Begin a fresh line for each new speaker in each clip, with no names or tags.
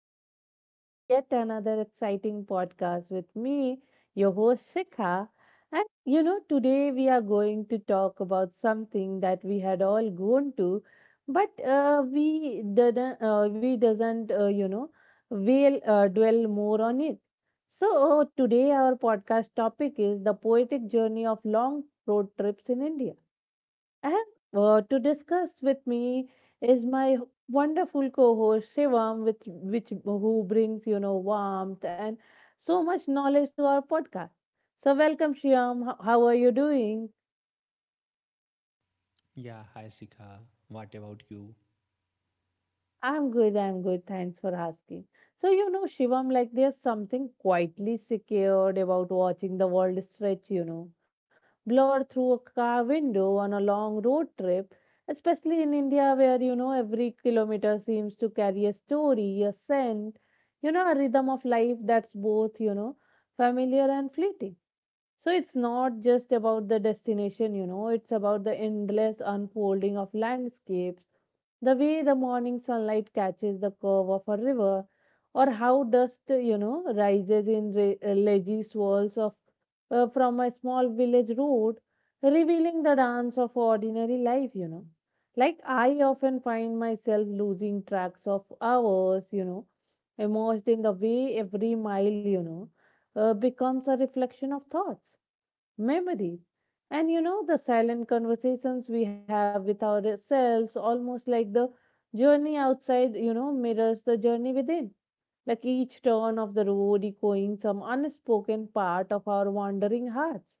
again to a yet another exciting podcast with me, your host Shikha. And you know, today we are going to talk about something that we had all gone to, but we didn't, we doesn't, we'll dwell more on it. So today our podcast topic is the poetic journey of long road trips in India. And to discuss with me is my wonderful co-host Shivam, with which who brings you know warmth and so much knowledge to our podcast. So welcome, Shivam. How are you doing?
Yeah, hi Sika. What about you?
I'm good, I'm good. Thanks for asking. So, you know, Shivam, like there's something quietly secured about watching the world stretch, you know, blur through a car window on a long road trip, especially in India where, you know, every kilometer seems to carry a story, a scent, you know, a rhythm of life that's both, you know, familiar and fleeting. So it's not just about the destination, you know, it's about the endless unfolding of landscapes, the way the morning sunlight catches the curve of a river, or how dust, you know, rises in leggy swirls of from a small village road, revealing the dance of ordinary life, you know. Like I often find myself losing tracks of hours, you know, immersed in the way every mile, you know, becomes a reflection of thoughts memory. And you know, the silent conversations we have with ourselves, almost like the journey outside, you know, mirrors the journey within. Like each turn of the road echoing some unspoken part of our wandering hearts.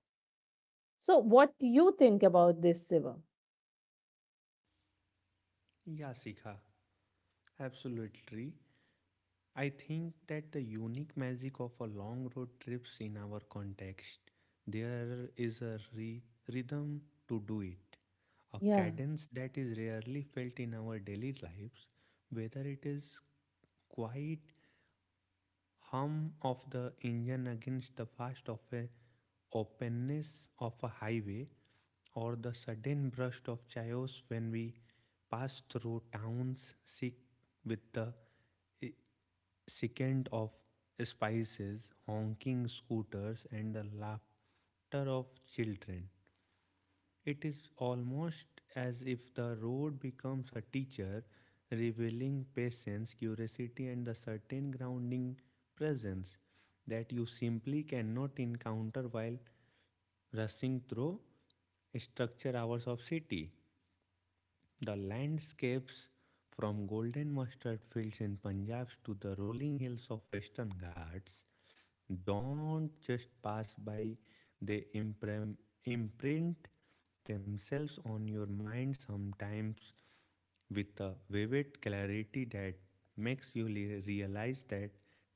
So, what do you think about this, Shivam?
Yeah, Sika. Absolutely. I think that the unique magic of a long road trips in our context, there is a rhythm to do it, a
Yeah,
cadence that is rarely felt in our daily lives, whether it is quiet hum of the engine against the fast of a openness of a highway or the sudden burst of chaos when we pass through towns sick with the eh, second of spices, honking scooters, and the laughter of children. It is almost as if the road becomes a teacher, revealing patience, curiosity, and the certain grounding presence that you simply cannot encounter while rushing through structure hours of city. The landscapes from golden mustard fields in Punjab to the rolling hills of Western Ghats don't just pass by, they imprint themselves on your mind sometimes with a vivid clarity that makes you realize that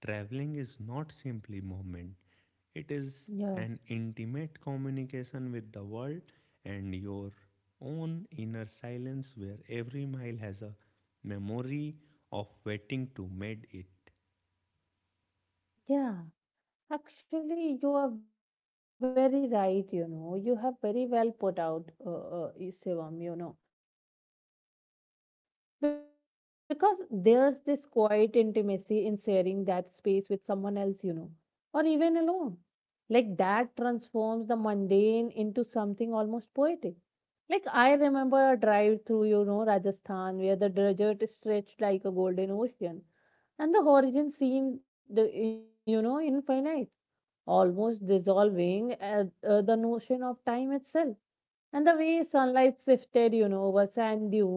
traveling is not simply movement, it is
yeah,
an intimate communication with the world and your own inner silence where every mile has a memory of waiting to made it.
yeah. Actually, you are very right, you know. You have very well put out, Shivam, you know, because there's this quiet intimacy in sharing that space with someone else, you know, or even alone. Like that transforms the mundane into something almost poetic. Like I remember a drive through, you know, Rajasthan where the desert stretched like a golden ocean and the horizon seemed, you know, infinite, almost dissolving the notion of time itself. And the way sunlight sifted, you know, over sand dunes,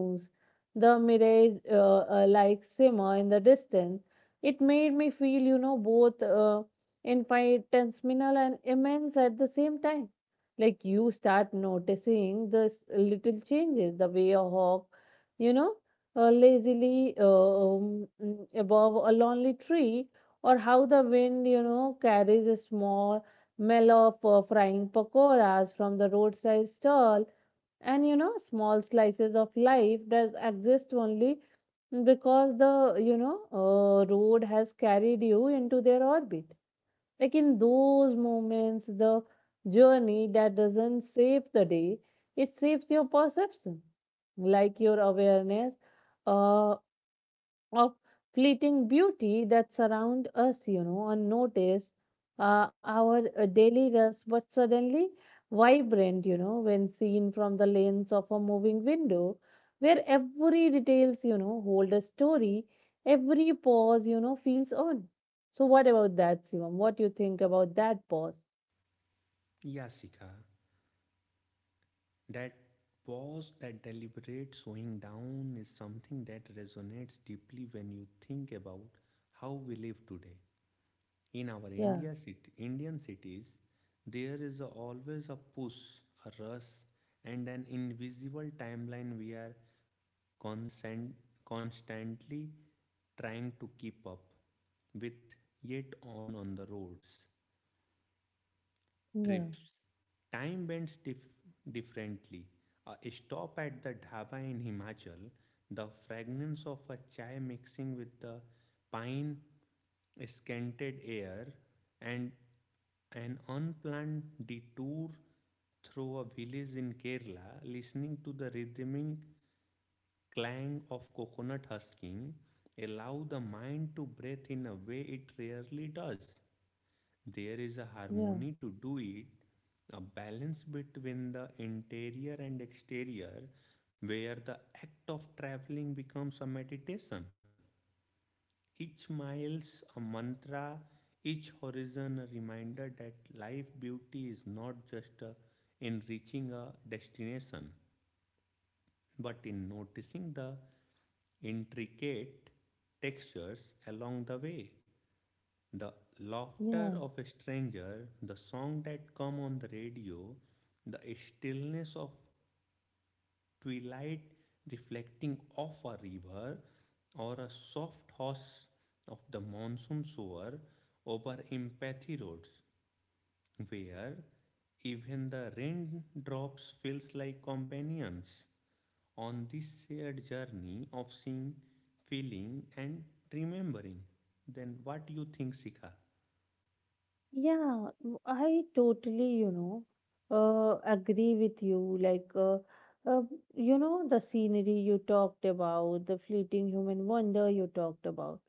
the mirage, like simmer in the distance, it made me feel, you know, both infinitesimal and immense at the same time. Like you start noticing the little changes, the way a hawk, you know, lazily above a lonely tree, or how the wind, you know, carries a small smell of frying pakoras from the roadside stall, and you know small slices of life does exist only because the you know road has carried you into their orbit. Like in those moments, the journey that doesn't save the day, it saves your perception, like your awareness uh, of fleeting beauty that surround us, you know, unnoticed, our daily rust, but suddenly vibrant, you know, when seen from the lens of a moving window, where every details, you know, hold a story, every pause, you know, feels on. So what about that, Sivam? What do you think about that pause?
Yeah, Sikha. That pause, that deliberate slowing down is something that resonates deeply when you think about how we live today. In our
Yeah,
Indian cities, there is always a push, a rush, and an invisible timeline we are consent, constantly trying to keep up with, yet on the roads
yeah,
trips. Time bends differently. A stop at the dhaba in Himachal, the fragrance of a chai mixing with the pine scented air, and an unplanned detour through a village in Kerala, listening to the rhythmic clang of coconut husking, allow the mind to breathe in a way it rarely does. There is a
yeah,
harmony to do it, a balance between the interior and exterior, where the act of traveling becomes a meditation. Each mile's a mantra, each horizon a reminder that life beauty is not just in reaching a destination, but in noticing the intricate textures along the way. The laughter
yeah.
of a stranger, the song that come on the radio, the stillness of twilight reflecting off a river, or a soft hush of the monsoon shower over empathy roads, where even the raindrops feels like companions on this shared journey of seeing, feeling, and remembering. Then what do you think, Sika?
Yeah, I totally, you know, agree with you. Like, uh, you know, the scenery you talked about, the fleeting human wonder you talked about.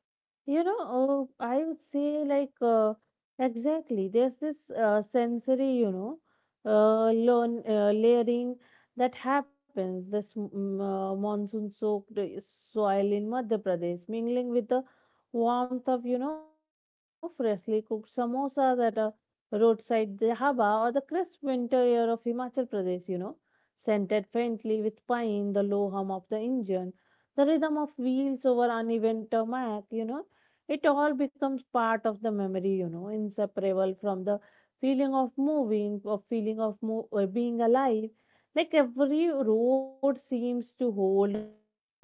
You know, I would say like exactly. There's this sensory, you know, layering that happens. This monsoon-soaked soil in Madhya Pradesh, mingling with the warmth of, you know, freshly cooked samosas at a roadside dhaba, or the crisp winter air of Himachal Pradesh. You know, scented faintly with pine, the low hum of the engine, the rhythm of wheels over uneven tarmac. You know, it all becomes part of the memory, you know, inseparable from the feeling of moving, of feeling of being alive. Like every road seems to hold a melody, you know.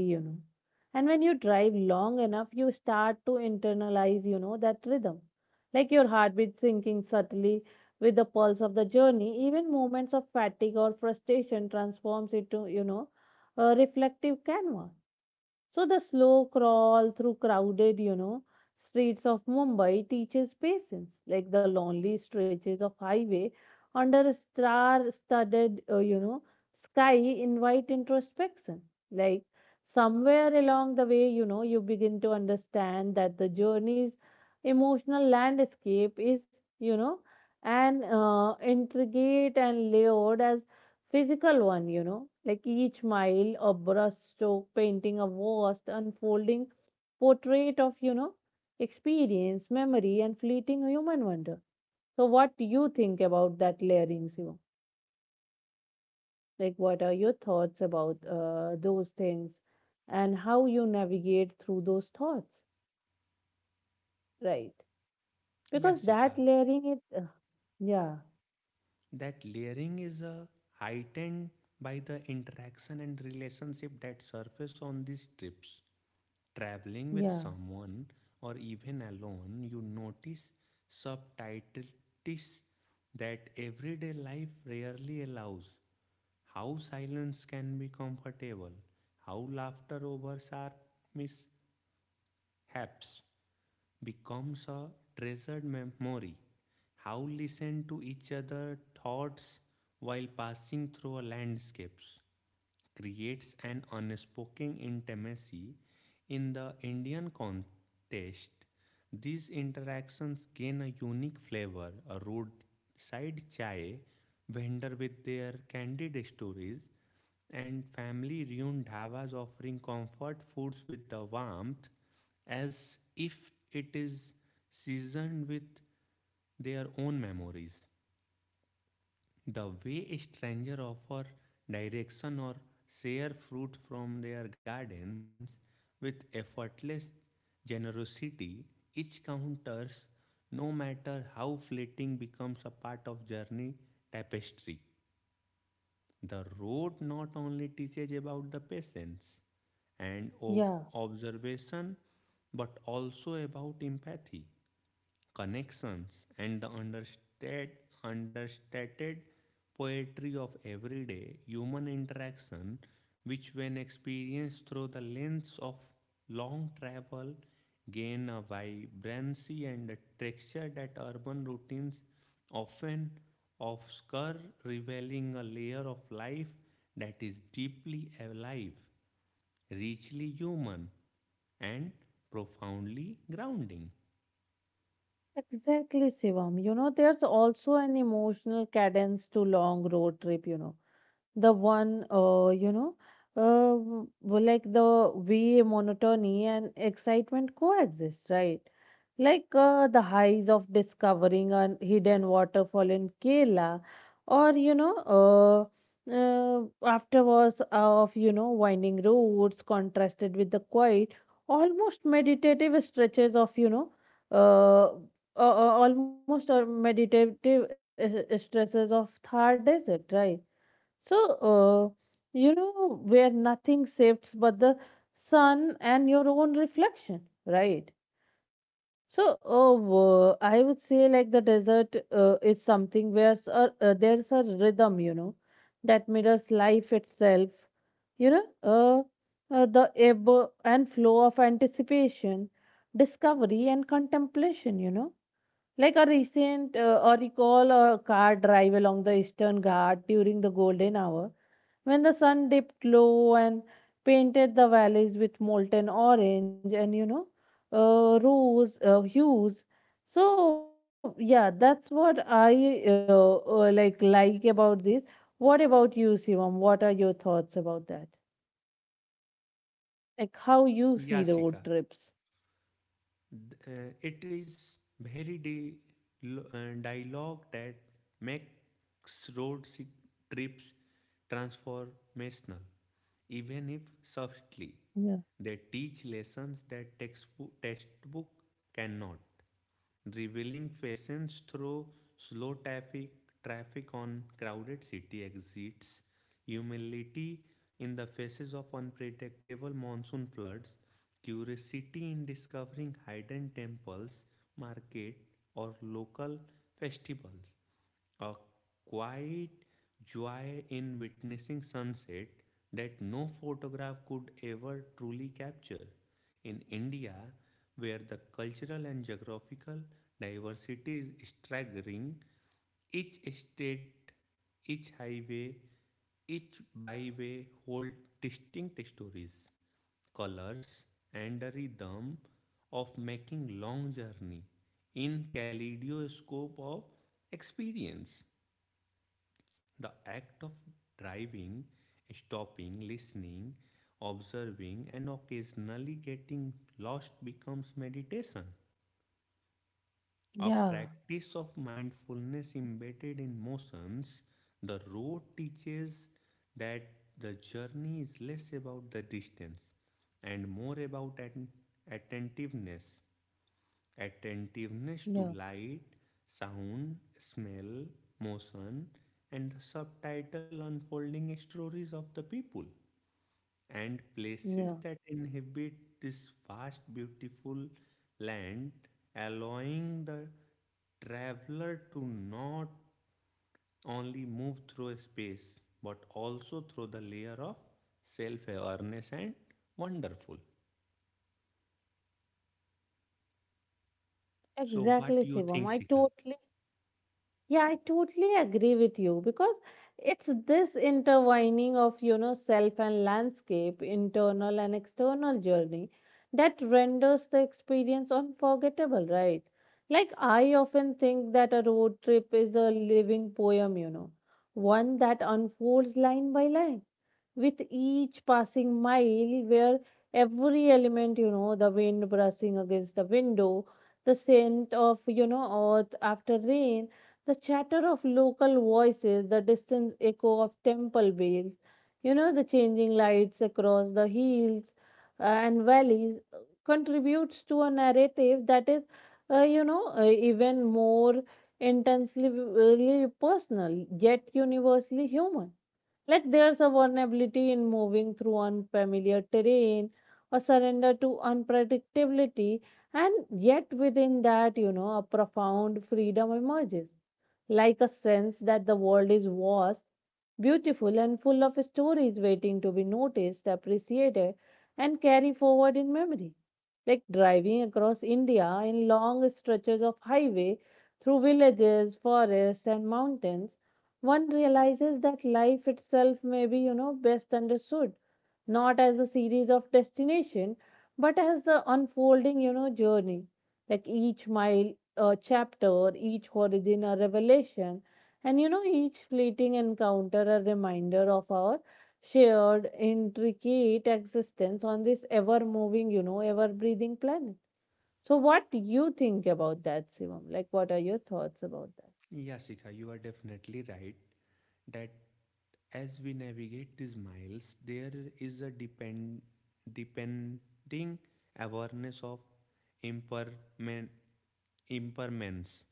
And when you drive long enough, you start to internalize, you know, that rhythm. Like your heartbeat sinking subtly with the pulse of the journey, even moments of fatigue or frustration transforms into, you know, a reflective canvas. So the slow crawl through crowded, you know, streets of Mumbai teaches patience, like the lonely stretches of highway under a star-studded, you know, sky invite introspection. Like somewhere along the way, you know, you begin to understand that the journey's emotional landscape is, you know, an intricate and layered as physical one, you know, like each mile a brushstroke painting a vast unfolding portrait of, you know, experience, memory, and fleeting human wonder. So, what do you think about that layerings, you know? Like, what are your thoughts about those things and how you navigate through those thoughts, right?
Yeah,
Because
Sika.
that layering, it, yeah,
That layering is heightened by the interaction and relationship that surface on these trips. Traveling with
yeah,
someone or even alone, you notice subtleties that everyday life rarely allows. How silence can be comfortable, how laughter over sharp mishaps becomes a treasured memory. How listen to each other's thoughts while passing through a landscapes creates an unspoken intimacy in the Indian context. These interactions gain a unique flavor. A roadside chai vendor with their candid stories and family run dhavas offering comfort foods with the warmth as if it is seasoned with their own memories. The way a stranger offers direction or share fruit from their gardens with effortless generosity, each counters, no matter how fleeting, becomes a part of journey tapestry. The road not only teaches about the patience and
yeah.
observation, but also about empathy connections, and the understated poetry of everyday human interaction, which, when experienced through the lens of long travel, gain a vibrancy and a texture that urban routines often obscure, revealing a layer of life that is deeply alive, richly human, and profoundly grounding.
Exactly, Shivam. You know, there's also an emotional cadence to long road trip, you know. The one, you know, like the way monotony and excitement coexist, right? Like the highs of discovering a hidden waterfall in Kerala, or, you know, afterwards of, you know, winding roads contrasted with the quiet, almost meditative stretches of, you know, uh, almost a meditative stresses of Thar Desert, right? So, uh, you know, where nothing shifts but the sun and your own reflection, right? So, I would say like the desert is something where there's a rhythm, you know, that mirrors life itself, you know, the ebb and flow of anticipation, discovery, and contemplation, you know, like a recent or recall a car drive along the Eastern Ghat during the golden hour when the sun dipped low and painted the valleys with molten orange and you know rose hues. So yeah, that's what I like about this. What about you, Sivam? What are your thoughts about that, like how you see the road
Yasika.
trips?
It is very dialogue that makes road trips transformational, even if subtly.
Yeah,
They teach lessons that textbook cannot, revealing fashions through slow traffic on crowded city exits, humility in the faces of unpredictable monsoon floods, curiosity in discovering hidden temples, market, or local festivals, a quiet joy in witnessing sunset that no photograph could ever truly capture. In India, where the cultural and geographical diversity is staggering, each state, each highway, each byway hold distinct stories, colors, and a rhythm of making long journey in kaleidoscope of experience. The act of driving, stopping, listening, observing, and occasionally getting lost becomes meditation. A
yeah,
practice of mindfulness embedded in motions, the road teaches that the journey is less about the distance and more about an attentiveness attentiveness to
yeah,
light, sound, smell, motion, and the subtitle unfolding stories of the people and places
yeah.
that inhabit this vast, beautiful land, allowing the traveler to not only move through space but also through the layer of self awareness and wonderful. So, what
exactly
do you
sivam
think,
I
Sika?
totally Yeah, I totally agree with you because it's this intertwining of, you know, self and landscape, internal and external journey that renders the experience unforgettable, right? Like, I often think that a road trip is a living poem, you know, one that unfolds line by line with each passing mile, where every element, you know, the wind brushing against the window, the scent of, you know, earth after rain, the chatter of local voices, the distant echo of temple bells, you know, the changing lights across the hills and valleys contributes to a narrative that is you know even more intensely personal yet universally human. Like there's a vulnerability in moving through unfamiliar terrain, a surrender to unpredictability, and yet within that, you know, a profound freedom emerges, like a sense that the world is vast, beautiful, and full of stories waiting to be noticed, appreciated, and carried forward in memory. Like driving across india in long stretches of highway through villages, forests, and mountains, one realizes that life itself may be, you know, best understood not as a series of destination, but as the unfolding, you know, journey. Like each mile a chapter, each origin a revelation, and you know each fleeting encounter a reminder of our shared intricate existence on this ever moving, you know, ever breathing planet. So what do you think about that, Simon? Like what are your thoughts about that?
Yeah, Shikha, you are definitely right that as we navigate these miles, there is a depending awareness of imperman, impermanence.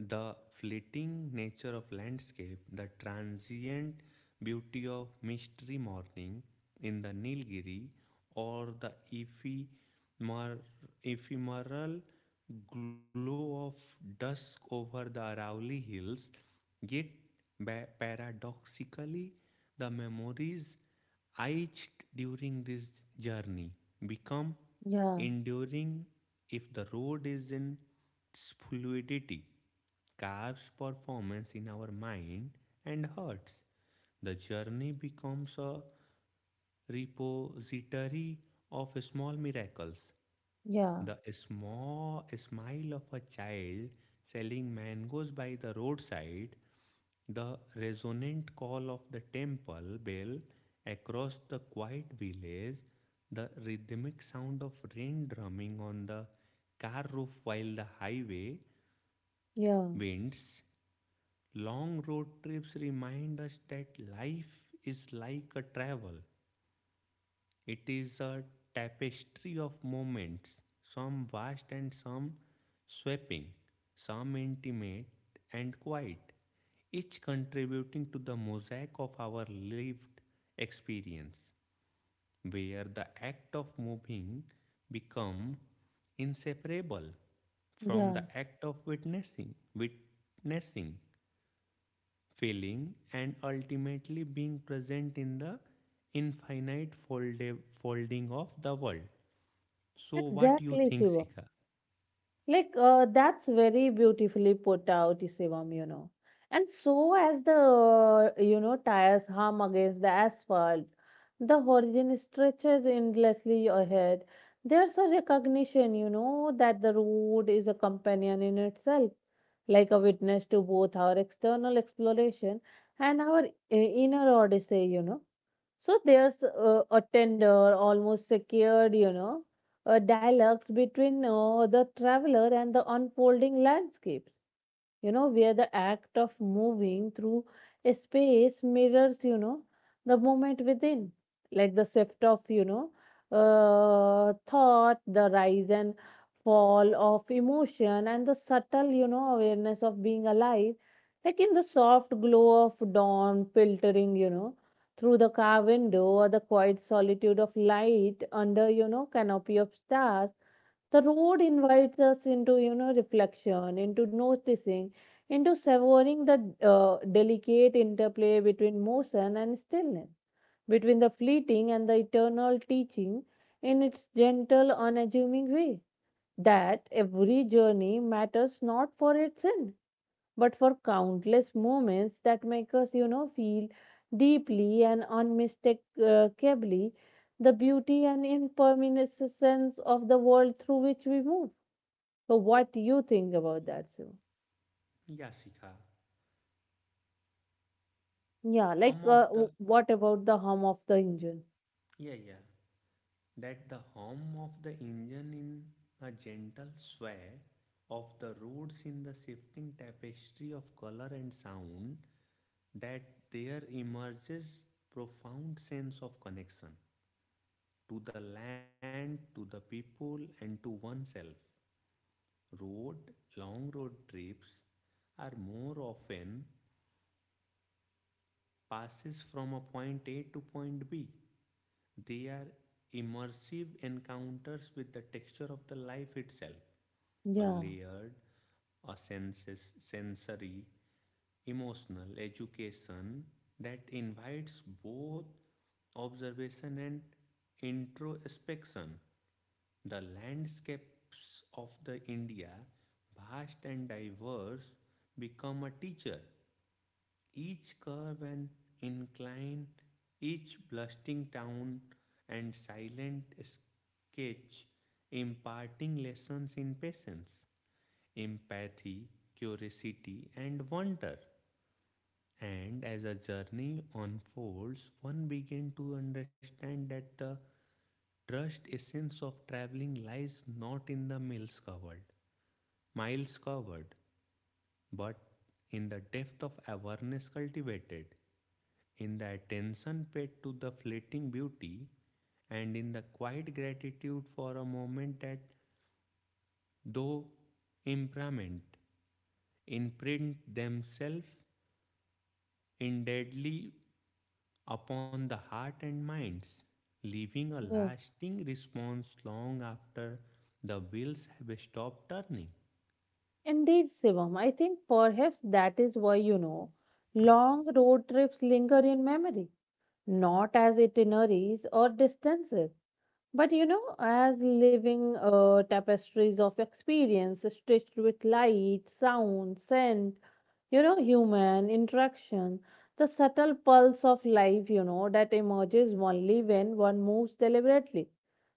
The fleeting nature of landscape, the transient beauty of misty morning in the Nilgiri, or the ephemeral glow of dusk over the Arauli hills, yet paradoxically, the memories etched during this journey become
Yeah,
enduring if the road is in its fluidity carves performance in our mind and hearts. The journey becomes a repository of small miracles.
yeah,
The small smile of a child selling mangoes by the roadside, the resonant call of the temple bell across the quiet village, the rhythmic sound of rain drumming on the car roof while the highway
yeah.
winds. Long road trips remind us that life is like a travel. It is a tapestry of moments, some vast and some sweeping, some intimate and quiet, each contributing to the mosaic of our lived experience, where the act of moving become inseparable from
Yeah,
the act of witnessing. Witnessing, feeling, and ultimately being present in the infinite folding of the world. So, what you
exactly,
think,
Shivam.
Sika?
Like that's very beautifully put out, Shivam, you know. And so as the you know tires hum against the asphalt, the horizon stretches endlessly ahead. There's a recognition, you know, that the road is a companion in itself, like a witness to both our external exploration and our inner odyssey, you know. So there's a tender, almost secured, you know, a dialogue between the traveler and the unfolding landscape, you know, where the act of moving through a space mirrors, you know, the movement within, like the shift of, you know, thought, the rise and fall of emotion, and the subtle, you know, awareness of being alive, like in the soft glow of dawn filtering, you know, through the car window or the quiet solitude of light under, you know, canopy of stars. The road invites us into, you know, reflection, into noticing, into savoring the delicate interplay between motion and stillness, between the fleeting and the eternal, teaching in its gentle, unassuming way that every journey matters not for its end, but for countless moments that make us, you know, feel deeply and unmistakably the beauty and impermanence of the world through which we move. So, what do you think about that, Shiva?
Yeah, Sika.
Yeah, like
Hum of the
what about the hum of the engine?
yeah, yeah. That the hum of the engine in a gentle sway of the roads in the shifting tapestry of color and sound, that there emerges profound sense of connection to the land, to the people, and to oneself. Road, long road trips are more often passes from a point A to point B. They are immersive encounters with the texture of the life itself, a
Yeah.
layered, a sensory, emotional education that invites both observation and introspection. The landscapes of the India, vast and diverse, become a teacher. Each curve and incline, each bustling town and silent sketch imparting lessons in patience, empathy, curiosity, and wonder. And as a journey unfolds, one begins to understand that the Trust essence of traveling lies not in the miles covered, but in the depth of awareness cultivated, in the attention paid to the fleeting beauty, and in the quiet gratitude for a moment that, though impermanent, imprint themselves indelibly upon the heart and minds, leaving a
Yeah.
lasting response long after the wheels have stopped turning.
Indeed, Shivam. I think perhaps that is why, you know, long road trips linger in memory, not as itineraries or distances, but, you know, as living tapestries of experience stitched with light, sound, scent, you know, human interaction, the subtle pulse of life, you know, that emerges only when one moves deliberately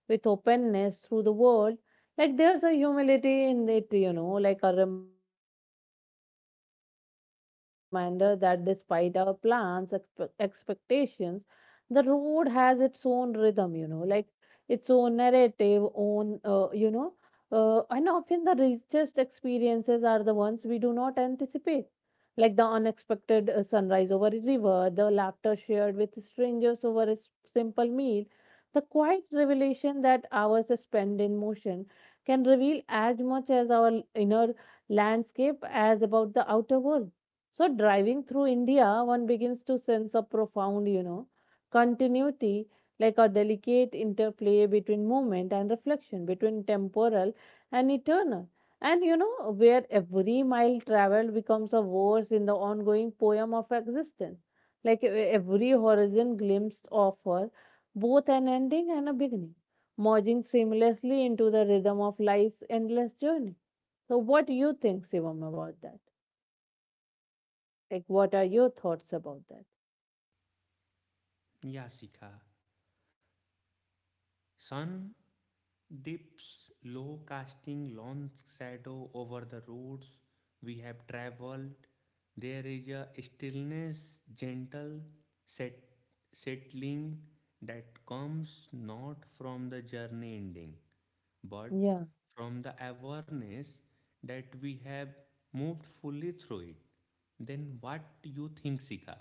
with openness through the world. Like there's a humility in it, you know, like a reminder that despite our plans, expectations, the road has its own rhythm, you know, like its own narrative, own and often the richest experiences are the ones we do not anticipate, like the unexpected sunrise over a river, the laughter shared with strangers over a simple meal, the quiet revelation that hours spent in motion can reveal as much as our inner landscape as about the outer world. So, driving through India, one begins to sense a profound, you know, continuity, like a delicate interplay between movement and reflection, between temporal and eternal. And, you know, where every mile traveled becomes a verse in the ongoing poem of existence. Like every horizon glimpsed offer both an ending and a beginning, merging seamlessly into the rhythm of life's endless journey. So, what do you think, Shivam, about that? Like, what are your thoughts about that?
Yasika. Sun dips low, casting long shadow over the roads we have traveled. There is a stillness, gentle, set, settling that comes not from the journey ending, but
Yeah.
from the awareness that we have moved fully through it. Then what do you think, Sika?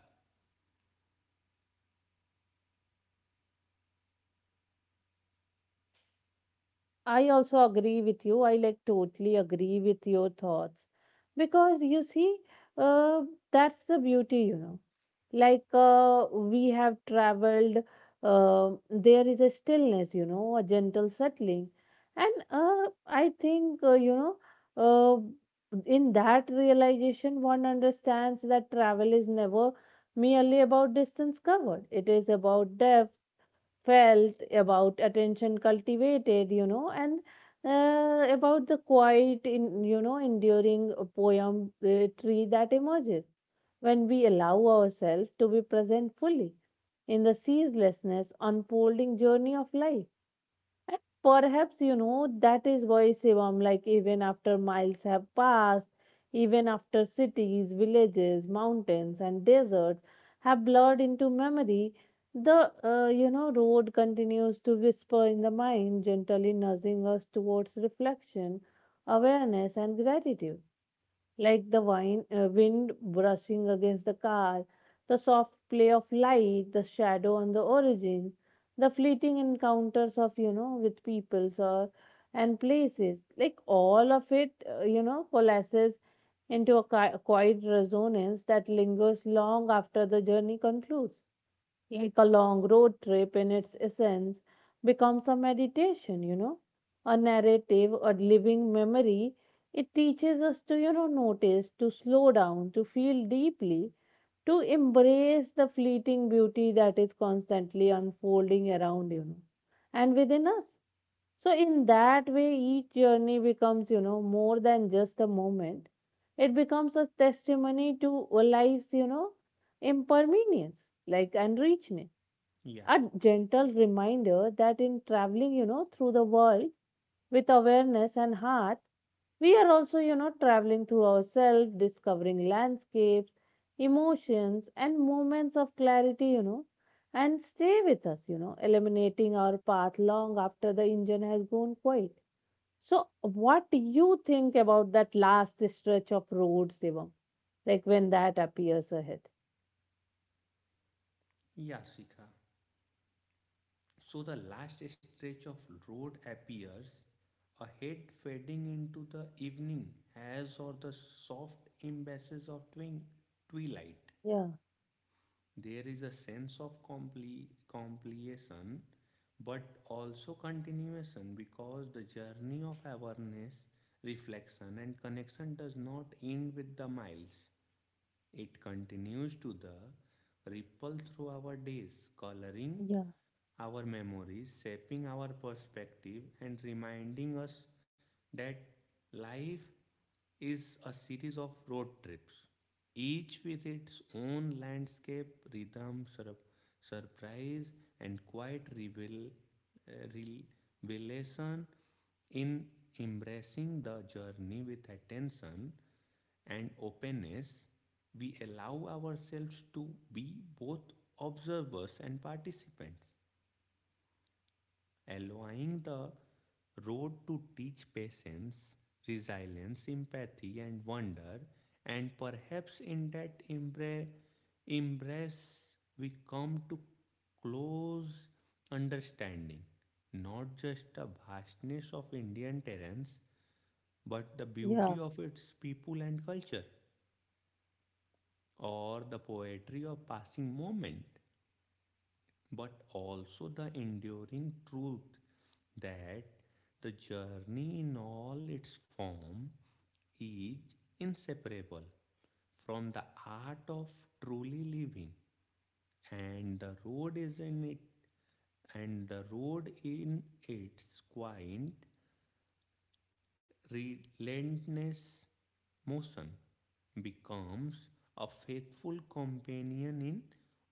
I also agree with you. I like totally agree with your thoughts because, you see, uh, that's the beauty, you know. Like we have traveled, there is a stillness, you know, a gentle settling, and I think you know, in that realization, one understands that travel is never merely about distance covered. It is about depth felt, about attention cultivated, you know, and about the quiet, in, you know, enduring poem tree that emerges when we allow ourselves to be present fully in the ceaselessness unfolding journey of life. And perhaps, you know, that is why, Shivam, like even after miles have passed, even after cities, villages, mountains, and deserts have blurred into memory, the, you know, road continues to whisper in the mind, gently nudging us towards reflection, awareness, and gratitude, like the wind brushing against the car, the soft play of light, the shadow on the origin, the fleeting encounters of, you know, with peoples or and places, like all of it, you know, coalesces into a quiet resonance that lingers long after the journey concludes. Like a long road trip in its essence becomes a meditation, you know, a narrative, a living memory. It teaches us to, you know, notice, to slow down, to feel deeply, to embrace the fleeting beauty that is constantly unfolding around, you know, and within us. So, in that way, each journey becomes, you know, more than just a moment. It becomes a testimony to a life's, you know, impermanence, like and richness,
Yeah,
a gentle reminder that in traveling, you know, through the world with awareness and heart, we are also, you know, traveling through ourselves, discovering landscapes, emotions, and moments of clarity, you know, and stay with us, you know, eliminating our path long after the engine has gone quiet. So, what do you think about that last stretch of road, Shivam? Like when that appears ahead?
yeah, Sika. So the last stretch of road appears, ahead fading into the evening haze or the soft embraces of twilight.
Yeah,
There is a sense of completion, but also continuation because the journey of awareness, reflection, and connection does not end with the miles. It continues to the ripple through our days, coloring
yeah,
our memories, shaping our perspective, and reminding us that life is a series of road trips, each with its own landscape, rhythm, surprise, and quiet uh, revelation. In embracing the journey with attention and openness, we allow ourselves to be both observers and participants, allowing the road to teach patience, resilience, empathy, and wonder. And perhaps in that embrace, we come to close understanding, not just the vastness of Indian terrains, but the
yeah.
beauty of its people and culture, or the poetry of passing moment, but also the enduring truth that the journey in all its form is inseparable from the art of truly living, and the road in its quiet relentless motion becomes a faithful companion in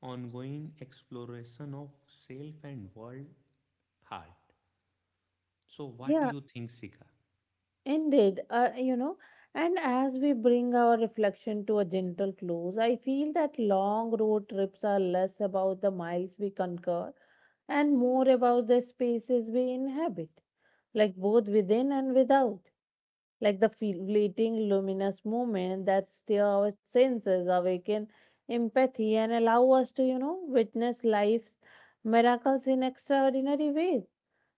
ongoing exploration of self and world heart. So, what do
Yeah,
you think, Sika?
indeed, you know, and as we bring our reflection to a gentle close, I feel that long road trips are less about the miles we conquer and more about the spaces we inhabit, like both within and without, like the fleeting luminous moment that stir our senses, awaken empathy, and allow us to, you know, witness life's miracles in extraordinary ways.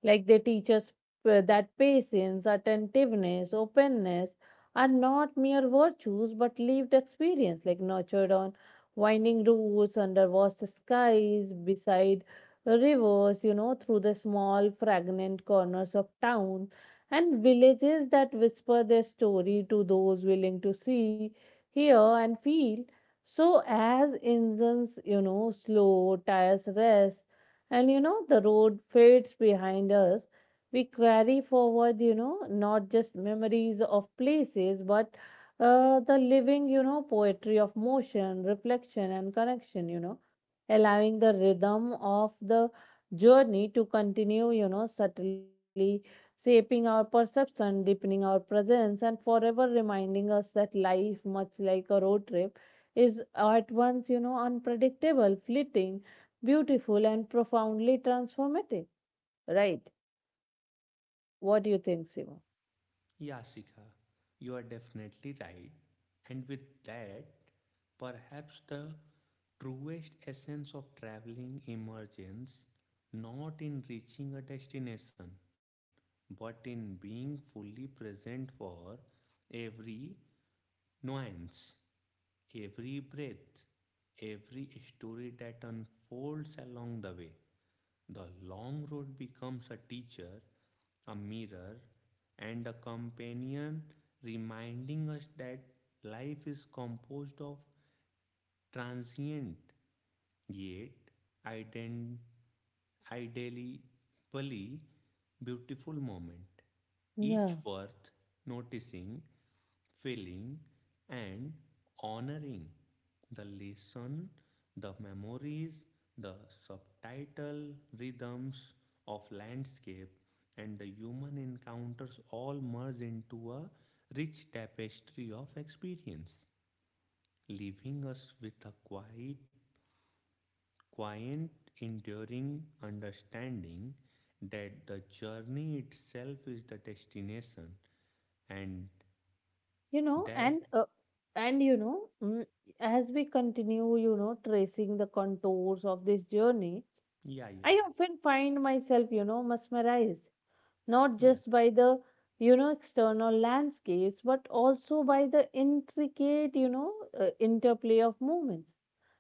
Like they teach us that patience, attentiveness, openness are not mere virtues but lived experience, like nurtured on winding roads, under vast skies, beside rivers, you know, through the small, fragrant corners of town and villages that whisper their story to those willing to see, hear, and feel. So, as engines, you know, slow, tires rest, and, you know, the road fades behind us. We carry forward, you know, not just memories of places, but the living, you know, poetry of motion, reflection, and connection, you know, allowing the rhythm of the journey to continue, you know, subtly shaping our perception, deepening our presence, and forever reminding us that life, much like a road trip, is at once, you know, unpredictable, fleeting, beautiful, and profoundly transformative, right? What do you think, Sima?
Yeah, Sika, you are definitely right. And with that, perhaps the truest essence of traveling emerges not in reaching a destination, but in being fully present for every nuance, every breath, every story that unfolds along the way. The long road becomes a teacher, a mirror, and a companion reminding us that life is composed of transient yet, ident- ideally, pally, beautiful moment, each
Yeah,
worth noticing, feeling, and honoring. The lesson, the memories, the subtitle rhythms of landscape, and the human encounters all merge into a rich tapestry of experience, leaving us with a quiet, enduring understanding that the journey itself is the destination and
you know,
that
and and, you know, as we continue, you know, tracing the contours of this journey,
yeah,
I
yeah,
often find myself, you know, mesmerized, not just by the, you know, external landscapes, but also by the intricate, you know, interplay of movements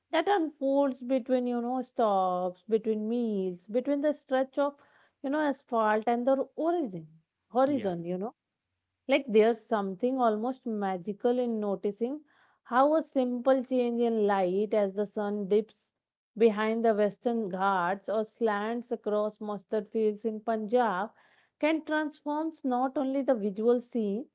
that unfolds between, you know, stops, between meals, between the stretch of, you know, asphalt and the origin,
yeah, yeah,
horizon, you know. Like there's something almost magical in noticing how a simple change in light as the sun dips behind the Western Ghats or slants across mustard fields in Punjab can transform not only the visual scene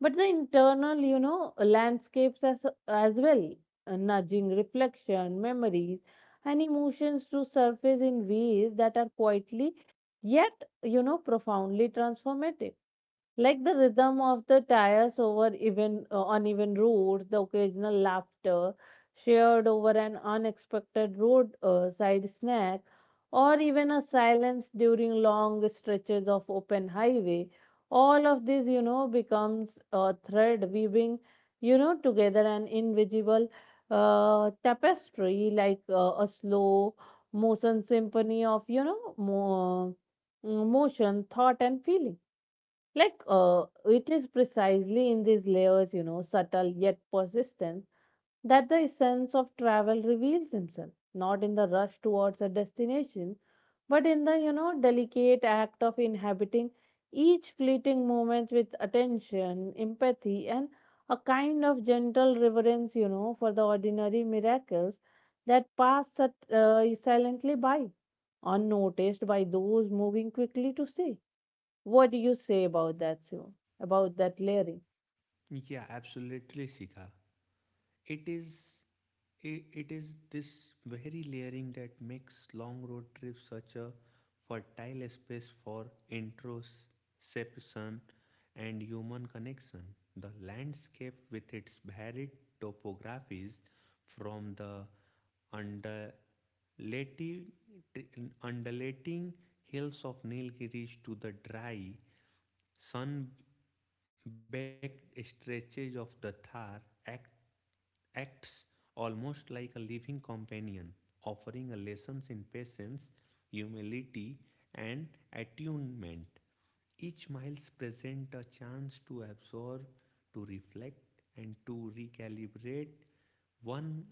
but the internal, you know, landscapes as well, nudging reflection, memories, and emotions to surface in ways that are quietly, yet, you know, profoundly transformative. Like the rhythm of the tires over even uneven roads, the occasional laughter shared over an unexpected roadside snack, or even a silence during long stretches of open highway, all of this, you know, becomes a thread weaving, you know, together an invisible tapestry, like a slow motion symphony of, you know, motion, thought, and feeling. Like, it is precisely in these layers, you know, subtle yet persistent, that the essence of travel reveals himself, not in the rush towards a destination, but in the, you know, delicate act of inhabiting each fleeting moment with attention, empathy, and a kind of gentle reverence, you know, for the ordinary miracles that pass silently by, unnoticed by those moving quickly to see. What do you say about that, Shivam? About that lyric?
yeah, absolutely, Sika. it is it it is this very layering that makes long road trips such a fertile space for introspection and human connection. The landscape, with its varied topographies from the undulating, undulating hills of Nilgiris to the dry sun-baked stretches of the Thar, act, acts almost like a living companion, offering a lessons in patience, humility, and attunement. Each miles present a chance to absorb, to reflect, and to recalibrate one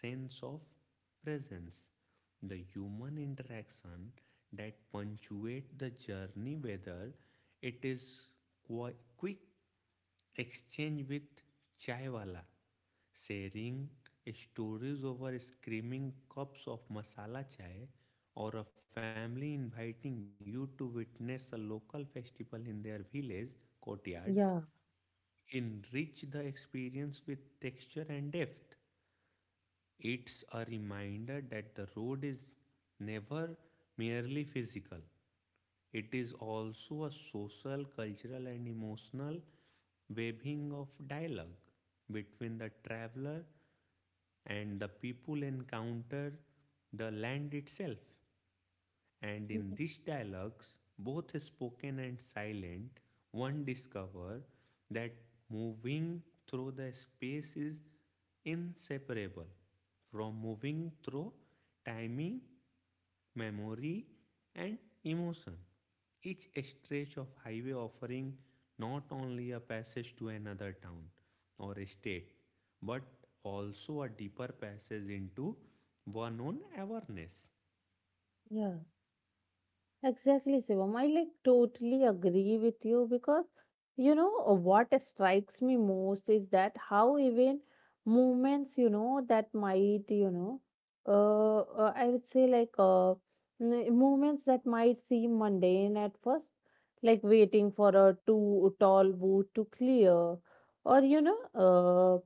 sense of presence. The human interaction that punctuate the journey, whether it is qui- quick exchange with chaiwala sharing stories over screaming cups of masala chai, or a family inviting you to witness a local festival in their village courtyard,
Yeah,
enrich the experience with texture and depth. It's a reminder that the road is never merely physical. It is also a social, cultural, and emotional weaving of dialogue between the traveler and the people encounter the land itself. And
yeah,
in these dialogues, both spoken and silent, one discovers that moving through the space is inseparable from moving through timing, memory, and emotion. Each stretch of highway offering not only a passage to another town or state, but also a deeper passage into one own awareness.
yeah. Exactly, Shivam. I like totally agree with you because, you know, what strikes me most is that how even movements, you know, that might, you know, I would say like movements that might seem mundane at first, like waiting for a too tall boot to clear, or, you know, uh.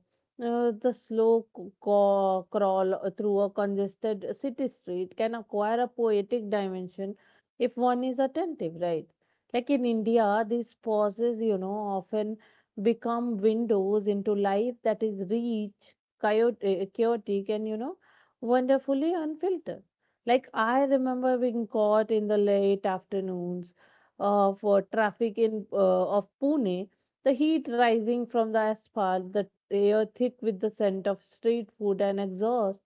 Uh, the slow crawl through a congested city street can acquire a poetic dimension if one is attentive, right? Like in India, these pauses, you know, often become windows into life that is rich, chaotic and, you know, wonderfully unfiltered. Like I remember being caught in the late afternoons of for traffic in of Pune, the heat rising from the asphalt, the air thick with the scent of street food and exhaust,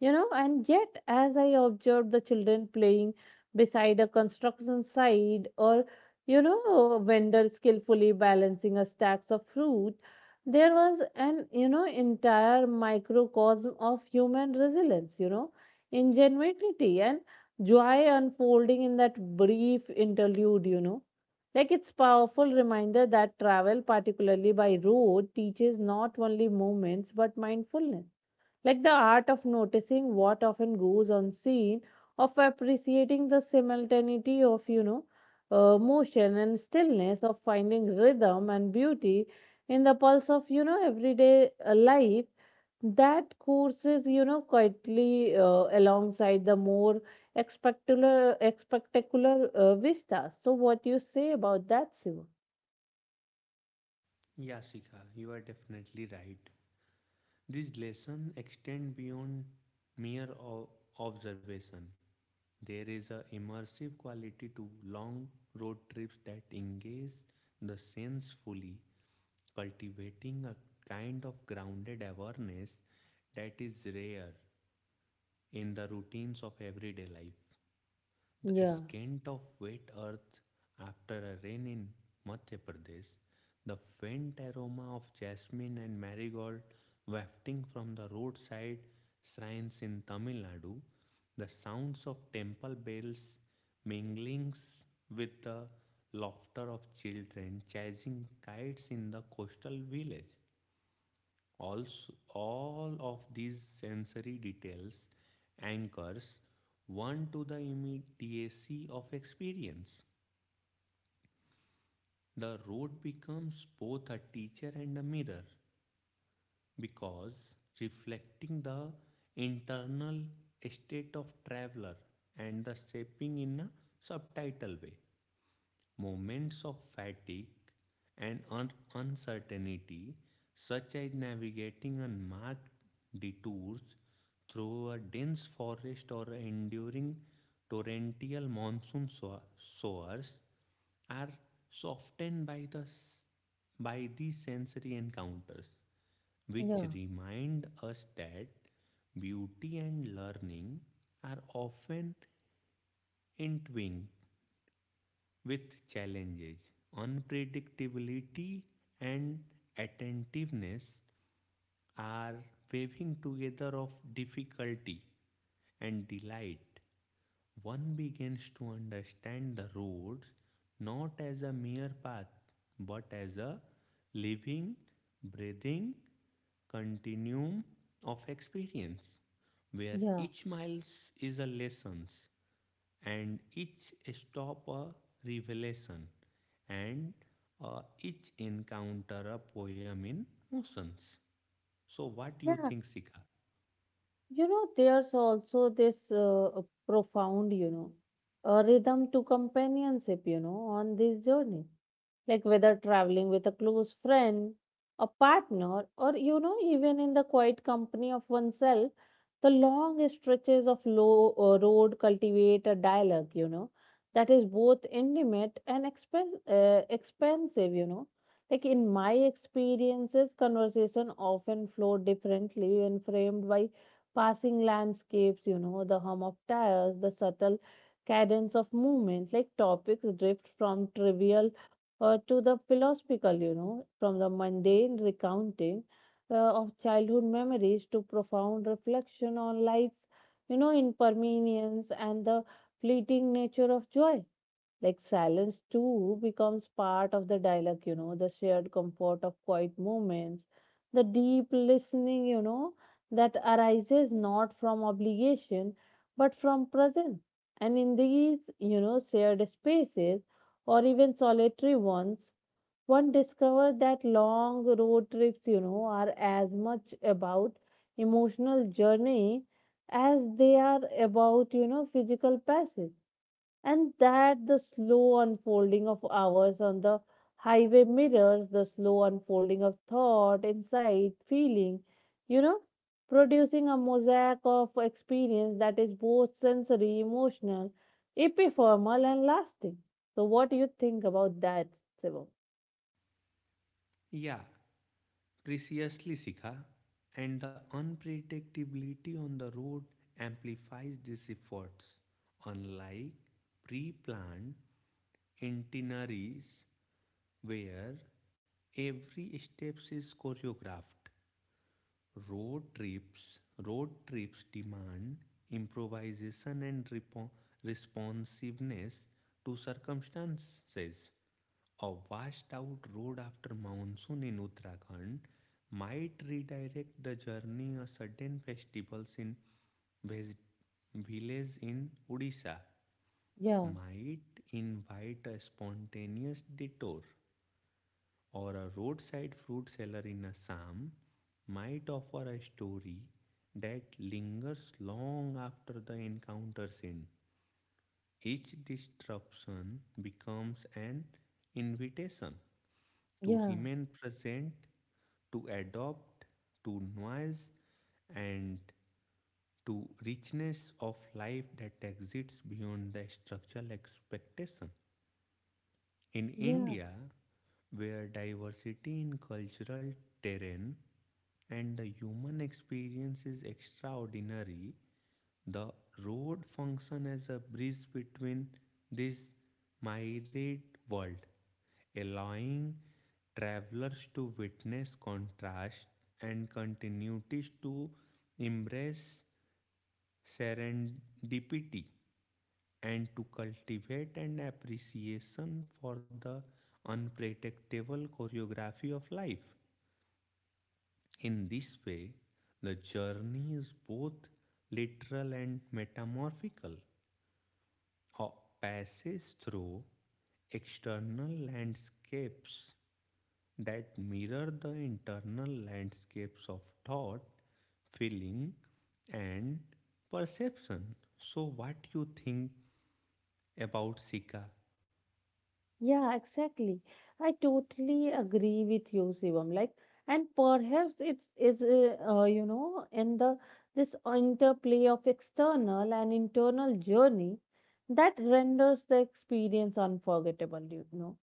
you know, and yet as I observed the children playing beside a construction site or, you know, a vendor skillfully balancing a stacks of fruit, there was an, you know, entire microcosm of human resilience, you know, ingenuity, and joy unfolding in that brief interlude, you know. Like it's powerful reminder that travel, particularly by road, teaches not only movements but mindfulness, like the art of noticing what often goes unseen, of appreciating the simultaneity of, you know, motion and stillness, of finding rhythm and beauty in the pulse of, you know, everyday life that courses, you know, quietly alongside the more spectacular vistas. So what do you say about that, Siva?
Yeah, you are definitely right. These lessons extend beyond mere observation. There is a immersive quality to long road trips that engage the sense fully, cultivating a kind of grounded awareness that is rare in the routines of everyday life. The
Yeah,
scent of wet earth after a rain in Madhya Pradesh, the faint aroma of jasmine and marigold wafting from the roadside shrines in Tamil Nadu, the sounds of temple bells mingling with the laughter of children chasing kites in the coastal village. Also, all of these sensory details anchors one to the immediacy of experience. The road becomes both a teacher and a mirror because reflecting the internal state of traveler and the shaping in a subtitle way. Moments of fatigue and uncertainty, such as navigating unmarked detours through a dense forest or enduring torrential monsoon showers, are softened by these sensory encounters, which
yeah,
remind us that beauty and learning are often entwined with challenges. Unpredictability and attentiveness are weaving together of difficulty and delight. One begins to understand the roads not as a mere path but as a living, breathing continuum of experience where
yeah,
each miles is a lessons and each stop a revelation and each encounter a poem in motions. So what you
yeah.
think, Sikha?
You know, there's also this profound, you know, rhythm to companionship, you know, on this journey, like whether traveling with a close friend, a partner, or, you know, even in the quiet company of oneself, the long stretches of low road cultivate a dialogue, you know, that is both intimate and expensive, you know. Like in my experiences, conversation often flow differently when framed by passing landscapes, you know, the hum of tires, the subtle cadence of movement, like topics drift from trivial to the philosophical, you know, from the mundane recounting of childhood memories to profound reflection on life's, you know, impermanence and the fleeting nature of joy. Like silence too becomes part of the dialogue, you know, the shared comfort of quiet moments, the deep listening, you know, that arises not from obligation but from presence. And in these, you know, shared spaces or even solitary ones, one discovers that long road trips, you know, are as much about emotional journey as they are about, you know, physical passage, and that the slow unfolding of hours on the highway mirrors the slow unfolding of thought, insight, feeling, you know, producing a mosaic of experience that is both sensory, emotional, epipheral, and lasting. So, what do you think about that, Sivam?
Yeah, preciously, Sikha. And the unpredictability on the road amplifies these efforts, unlike pre-planned itineraries where every step is choreographed. Road trips, road trips demand improvisation and responsiveness to circumstances. A washed out road after monsoon in Uttarakhand might redirect the journey, a certain festivals in veg- village in Odisha
Yeah,
might invite a spontaneous detour, or a roadside fruit seller in Assam might offer a story that lingers long after the encounter's end. Each disruption becomes an invitation to
yeah,
remain present, to adopt to noise, and to richness of life that exists beyond the structural expectation. In
yeah.
India, where diversity in cultural terrain and the human experience is extraordinary, the road function as a bridge between this myriad world, allowing travelers to witness contrast and continuities, to embrace serendipity, and to cultivate an appreciation for the unpredictable choreography of life. In this way, the journey is both literal and metamorphical, or passes through external landscapes that mirror the internal landscapes of thought, feeling, and perception. So, what you think about, Sika?
Yeah, exactly. I totally agree with you, Shivam. Like, and perhaps it's is in the this interplay of external and internal journey that renders the experience unforgettable.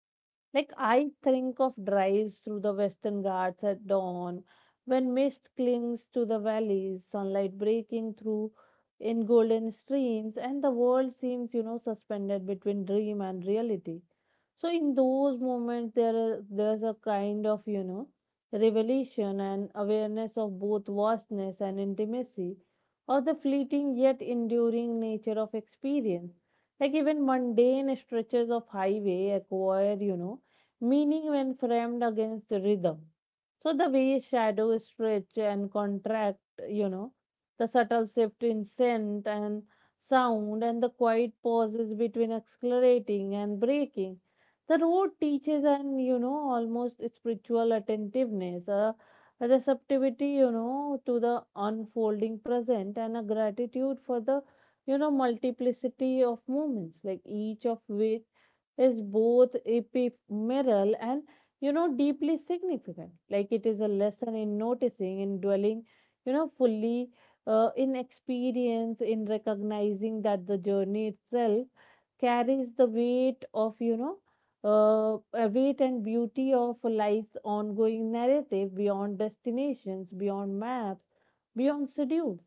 Like I think of drives through the Western Ghats at dawn, when mist clings to the valleys, sunlight breaking through in golden streams, and the world seems, suspended between dream and reality. So in those moments, there's a kind of, revelation and awareness of both vastness and intimacy, of the fleeting yet enduring nature of experience, like even mundane stretches of highway acquire, meaning when framed against the rhythm. So the way shadow stretch and contract, you know, the subtle shift in scent and sound and the quiet pauses between accelerating and breaking. The road teaches an, almost spiritual attentiveness, a receptivity, to the unfolding present and a gratitude for the, multiplicity of moments, like each of which is both ephemeral and deeply significant. Like it is a lesson in noticing, in dwelling fully in experience, in recognizing that the journey itself carries the weight of, a weight and beauty of life's ongoing narrative, beyond destinations, beyond maps, beyond schedules.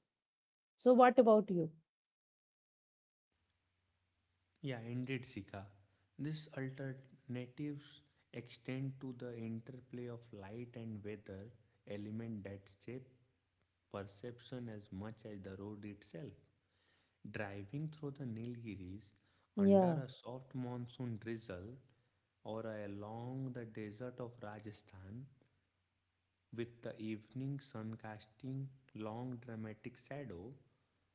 So what about you?
Yeah, indeed, Sika. These alternatives extend to the interplay of light and weather element that shape perception as much as the road itself. Driving through the Nilgiris under
Yeah,
a soft monsoon drizzle, or along the desert of Rajasthan with the evening sun casting long dramatic shadow,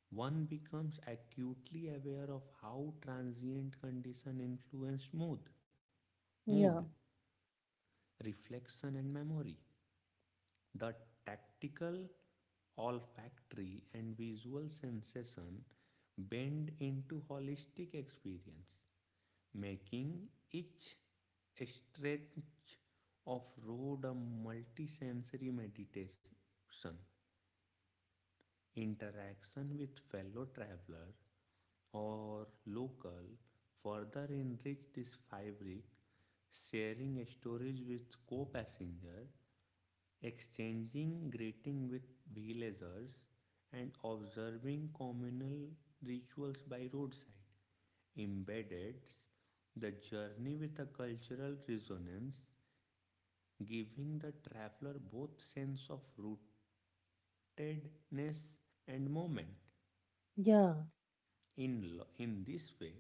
one becomes acutely aware of how transient condition influenced mood,
yeah,
reflection and memory. The tactical, olfactory and visual sensation bend into holistic experience, making each stretch of road a multisensory meditation. Interaction with fellow traveler or local further enrich this fabric, sharing stories with co passenger, exchanging greeting with villagers, and observing communal rituals by roadside. Embedded the journey with a cultural resonance, giving the traveler both sense of rootedness and moment.
yeah,
In this way,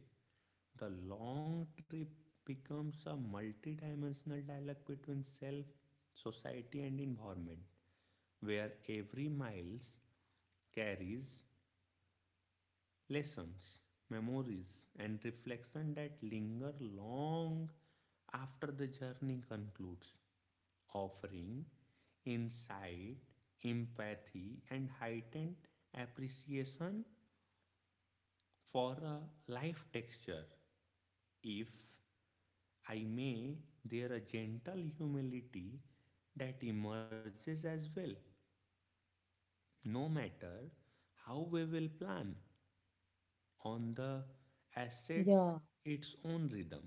the long trip becomes a multidimensional dialogue between self, society, and environment, where every miles carries lessons, memories, and reflection that linger long after the journey concludes, offering insight, empathy, and heightened appreciation for a life texture. If I may, there a gentle humility that emerges as well. No matter how we will plan on the assets
yeah,
its own rhythm,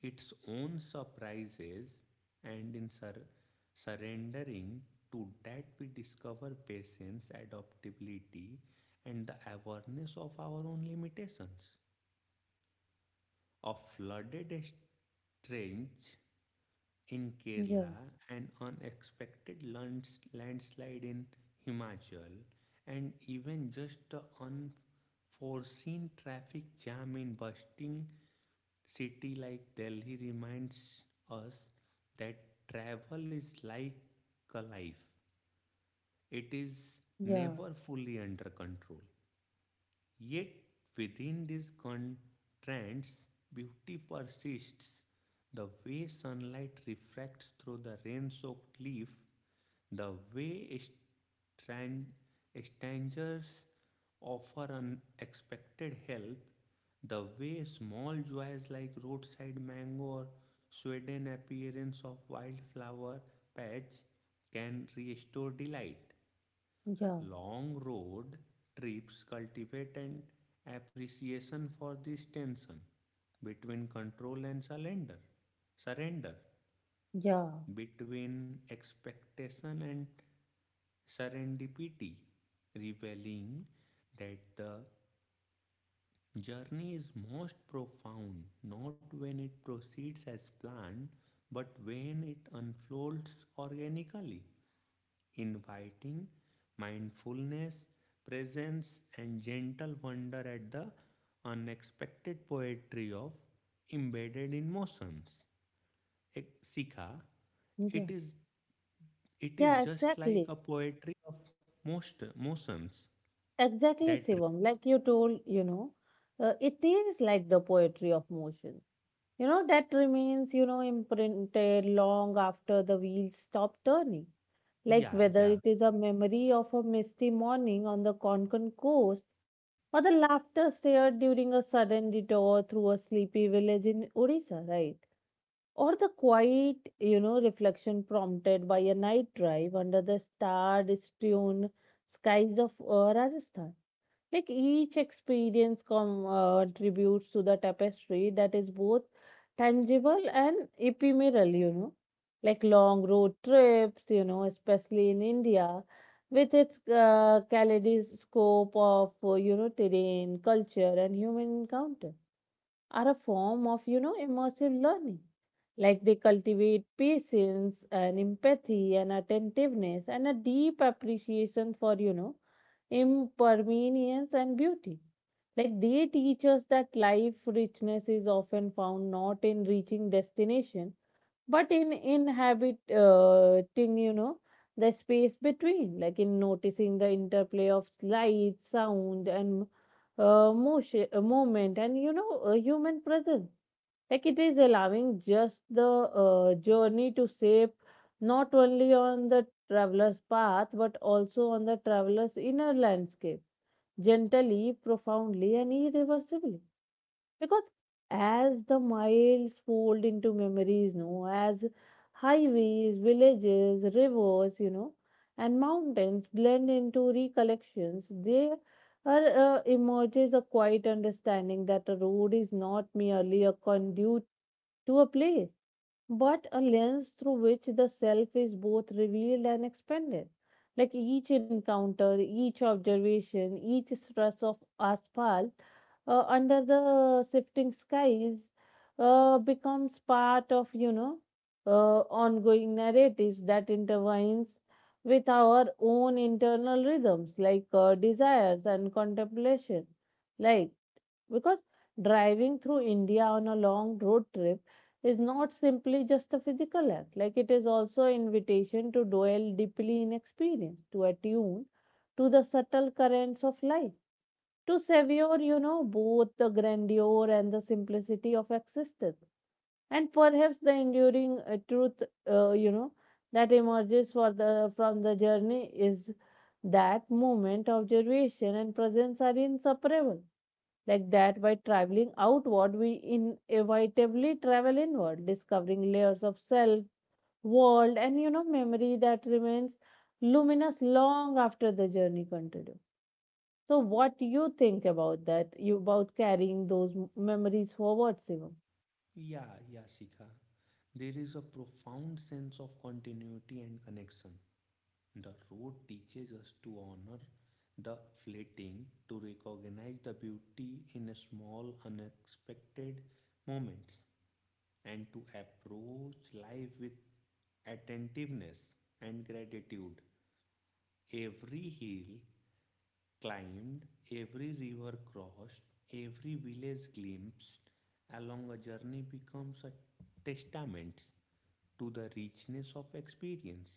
its own surprises, and in surrendering to that we discover patience, adaptability, and the awareness of our own limitations. A flooded strange in
yeah,
Kerala, an unexpected landslide in Himachal, and even just the unforeseen traffic jam in bustling city like Delhi reminds us that travel is like a life. It is
yeah,
never fully under control. Yet within these contrasts, beauty persists. The way sunlight refracts through the rain soaked leaf, the way strangers offer unexpected help, the way small joys like roadside mango or sudden appearance of wildflower patch can restore delight.
yeah.
Long road trips cultivate an appreciation for this tension between control and surrender. Surrender
Yeah,
Between expectation and serendipity, revealing that the journey is most profound not when it proceeds as planned but when it unfolds organically, inviting mindfulness, presence, and gentle wonder at the unexpected poetry of embedded emotions. E- Sikha, it
yeah,
is it is
yeah,
just like
exactly.
a poetry of most motions
Exactly,
that
Shivam. Like you told, it is like the poetry of motion, that remains, imprinted long after the wheels stop turning. Like
yeah
whether it
yeah
is a memory of a misty morning on the Konkan coast, or the laughter shared during a sudden detour through a sleepy village in Odisha, right? Or the quiet, reflection prompted by a night drive under the star strewn skies of Rajasthan. Like each experience contributes to the tapestry that is both tangible and ephemeral, like long road trips, especially in India, with its kaleidoscope of, terrain, culture, and human encounter, are a form of, immersive learning. Like they cultivate patience and empathy and attentiveness and a deep appreciation for, impermanence and beauty. Like they teach us that life richness is often found not in reaching destination, but in inhabiting, you know, the space between, like in noticing the interplay of light, sound, and movement, and human presence, like it is allowing just the journey to shape not only on the traveler's path but also on the traveler's inner landscape, gently, profoundly, and irreversibly. Because as the miles fold into memories, no, as highways, villages, rivers, and mountains blend into recollections, there are emerges a quiet understanding that a road is not merely a conduit to a play, but a lens through which the self is both revealed and expanded. Like each encounter, each observation, each stress of asphalt under the shifting skies becomes part of, uh, ongoing narratives that intertwines with our own internal rhythms, like desires and contemplation. Like, because driving through India on a long road trip is not simply just a physical act, like it is also an invitation to dwell deeply in experience, to attune to the subtle currents of life, to savour, both the grandeur and the simplicity of existence, and perhaps the enduring truth, uh, you know, that emerges for the from the journey is that moment of observation and presence are inseparable. Like that, by traveling outward, we inevitably travel inward, discovering layers of self, world, and memory that remains luminous long after the journey continues. So, what do you think about that? You about carrying those memories forward, Shivam?
yeah yeah, Sikha. There is a profound sense of continuity and connection. The road teaches us to honor the fleeting, to recognize the beauty in small, unexpected moments, and to approach life with attentiveness and gratitude. Every hill climbed, every river crossed, every village glimpsed along a journey becomes a testament to the richness of experience,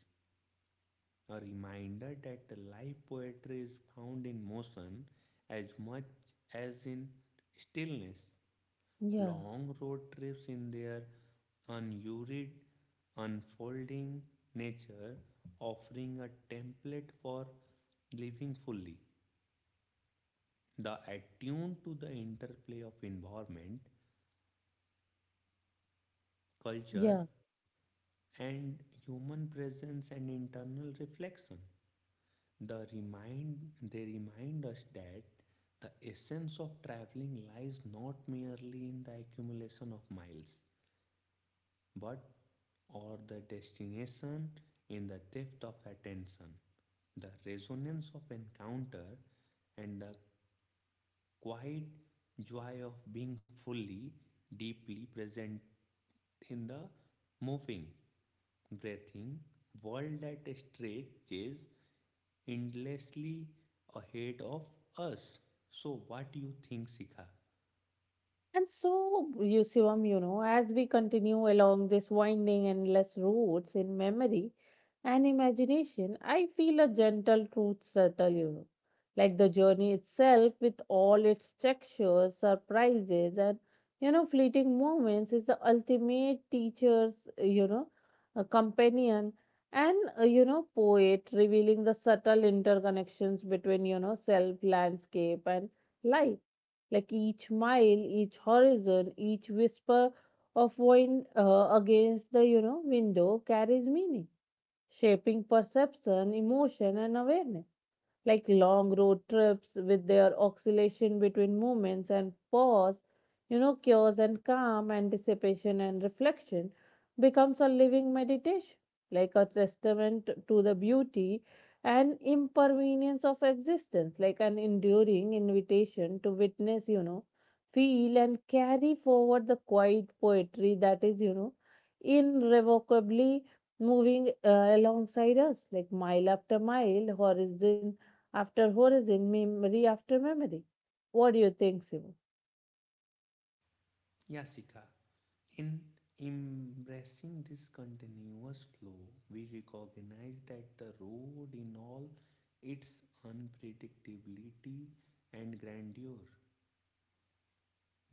a reminder that the live poetry is found in motion as much as in stillness.
Yeah,
Long road trips in their unhurried, unfolding nature, offering a template for living fully. The attuned to the interplay of environment, culture,
yeah.
and human presence and internal reflection. The remind they remind us that the essence of traveling lies not merely in the accumulation of miles, but or the destination in the depth of attention, the resonance of encounter, and the quiet joy of being fully, deeply present in the moving, breathing world that stretches endlessly ahead of us. So, what do you think, Sikha?
And so, Yusivam, as we continue along this winding, endless roads in memory and imagination, I feel a gentle truth settle, like the journey itself, with all its textures, surprises, and, fleeting moments, is the ultimate teacher's, you know, a companion and, poet, revealing the subtle interconnections between, self, landscape, and life, like each mile, each horizon, each whisper of wind against the window carries meaning, shaping perception, emotion, and awareness. Like long road trips, with their oscillation between movements and pause, cures and calm, anticipation and reflection, becomes a living meditation, like a testament to the beauty and impermanence of existence, like an enduring invitation to witness, feel and carry forward the quiet poetry that is, irrevocably moving alongside us, like mile after mile, horizon after horizon, memory after memory. What do you think, Siva?
Yeah, Sikha. In embracing this continuous flow, we recognize that the road, in all its unpredictability and grandeur,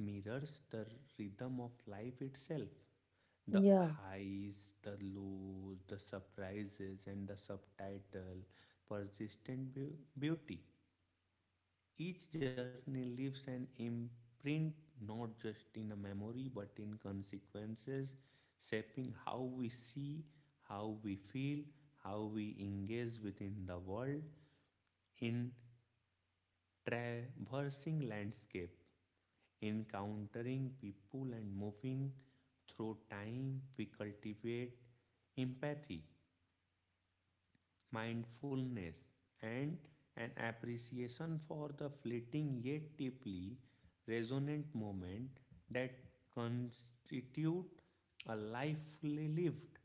mirrors the rhythm of life itself. The
Yeah,
highs, the lows, the surprises, and the subtitle persistent beauty. Each journey leaves an imprint not just in a memory but in consequences, shaping how we see, how we feel, how we engage within the world. In traversing landscape, encountering people, and moving through time, we cultivate empathy, mindfulness, and an appreciation for the fleeting yet deeply resonant moment that constitute a life fully lived.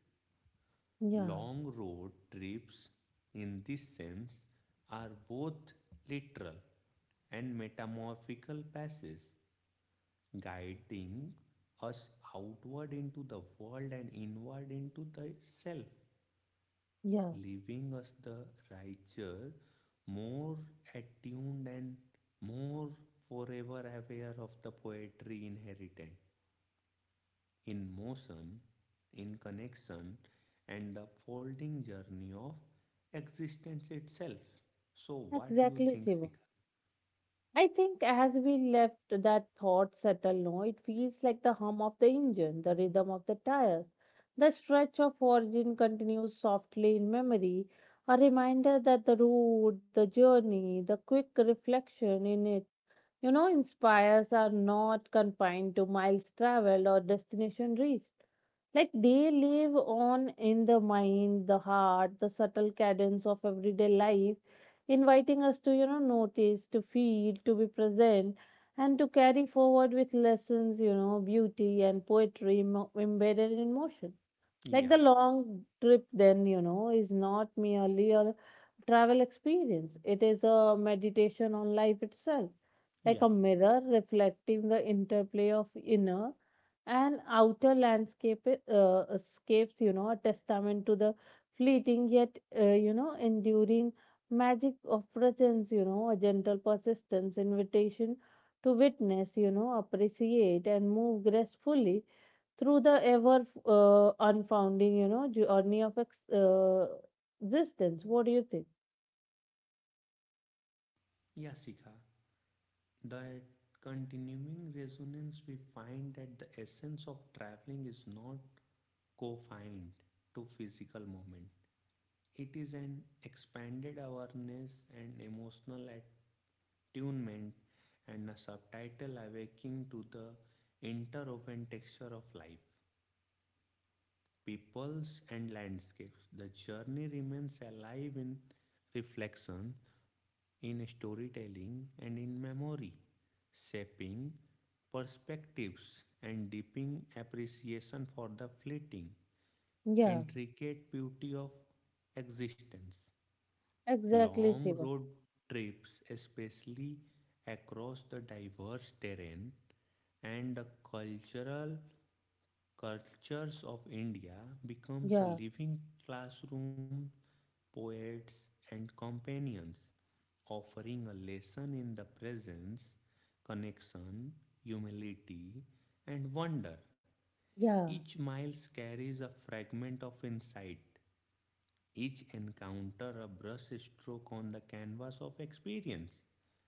yeah,
Long road trips, in this sense, are both literal and metamorphical passes, guiding us outward into the world and inward into the self,
yeah.
leaving us the writer more attuned and more forever aware of the poetry inherited in motion, in connection, and the folding journey of existence itself. So, what do you
Exactly,
think,
Siva.
Sikha?
I think as we left that thought settle now, it feels like the hum of the engine, the rhythm of the tires. The stretch of origin continues softly in memory, a reminder that the road, the journey, the quick reflection in it, inspires are not confined to miles traveled or destination reached. Like they live on in the mind, the heart, the subtle cadence of everyday life, inviting us to, notice, to feel, to be present, and to carry forward with lessons, beauty and poetry embedded in motion. Like
Yeah,
the long trip, then, is not merely a travel experience, it is a meditation on life itself, like
yeah,
a mirror reflecting the interplay of inner and outer landscape escapes, a testament to the fleeting yet, enduring magic of presence, a gentle persistence, invitation to witness, appreciate and move gracefully through the ever unfounding, journey of existence. What do you think?
yeah, Sikha. That continuing resonance we find that the essence of traveling is not confined to physical moment. It is an expanded awareness and emotional attunement, and a subtitle awakening to the interwoven texture of life, peoples, and landscapes. The journey remains alive in reflection, in storytelling, and in memory, shaping perspectives and deepening appreciation for the fleeting,
Yeah,
intricate beauty of existence.
exactly,
Long
Siva.
road trips, especially across the diverse terrain and the cultural cultures of India, becomes a
Yeah,
living classroom, poets and companions, offering a lesson in the presence, connection, humility, and wonder.
yeah,
Each miles carries a fragment of insight, each encounter a brush stroke on the canvas of experience,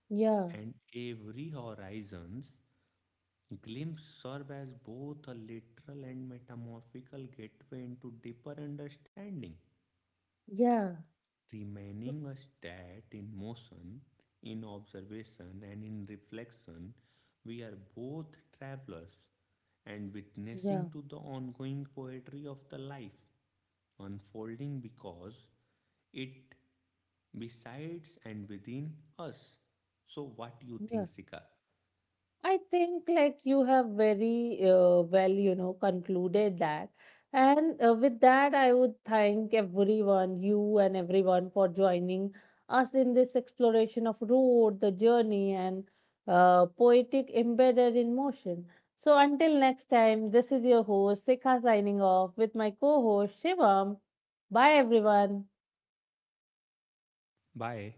yeah,
and every horizon's glimpse serve as both a literal and metamorphical gateway into deeper understanding,
yeah,
remaining a stat in motion, in observation, and in reflection. We are both travelers and
yeah,
witnessing to the ongoing poetry of the life unfolding because it besides and within us. So, what you
yeah.
think, Sika?
I think like you have very well, concluded that. And with that, I would thank everyone, you and everyone for joining us in this exploration of road, the journey and poetic embedded in motion. So until next time, this is your host, Sikha signing off with my co-host, Shivam. Bye, everyone.
Bye.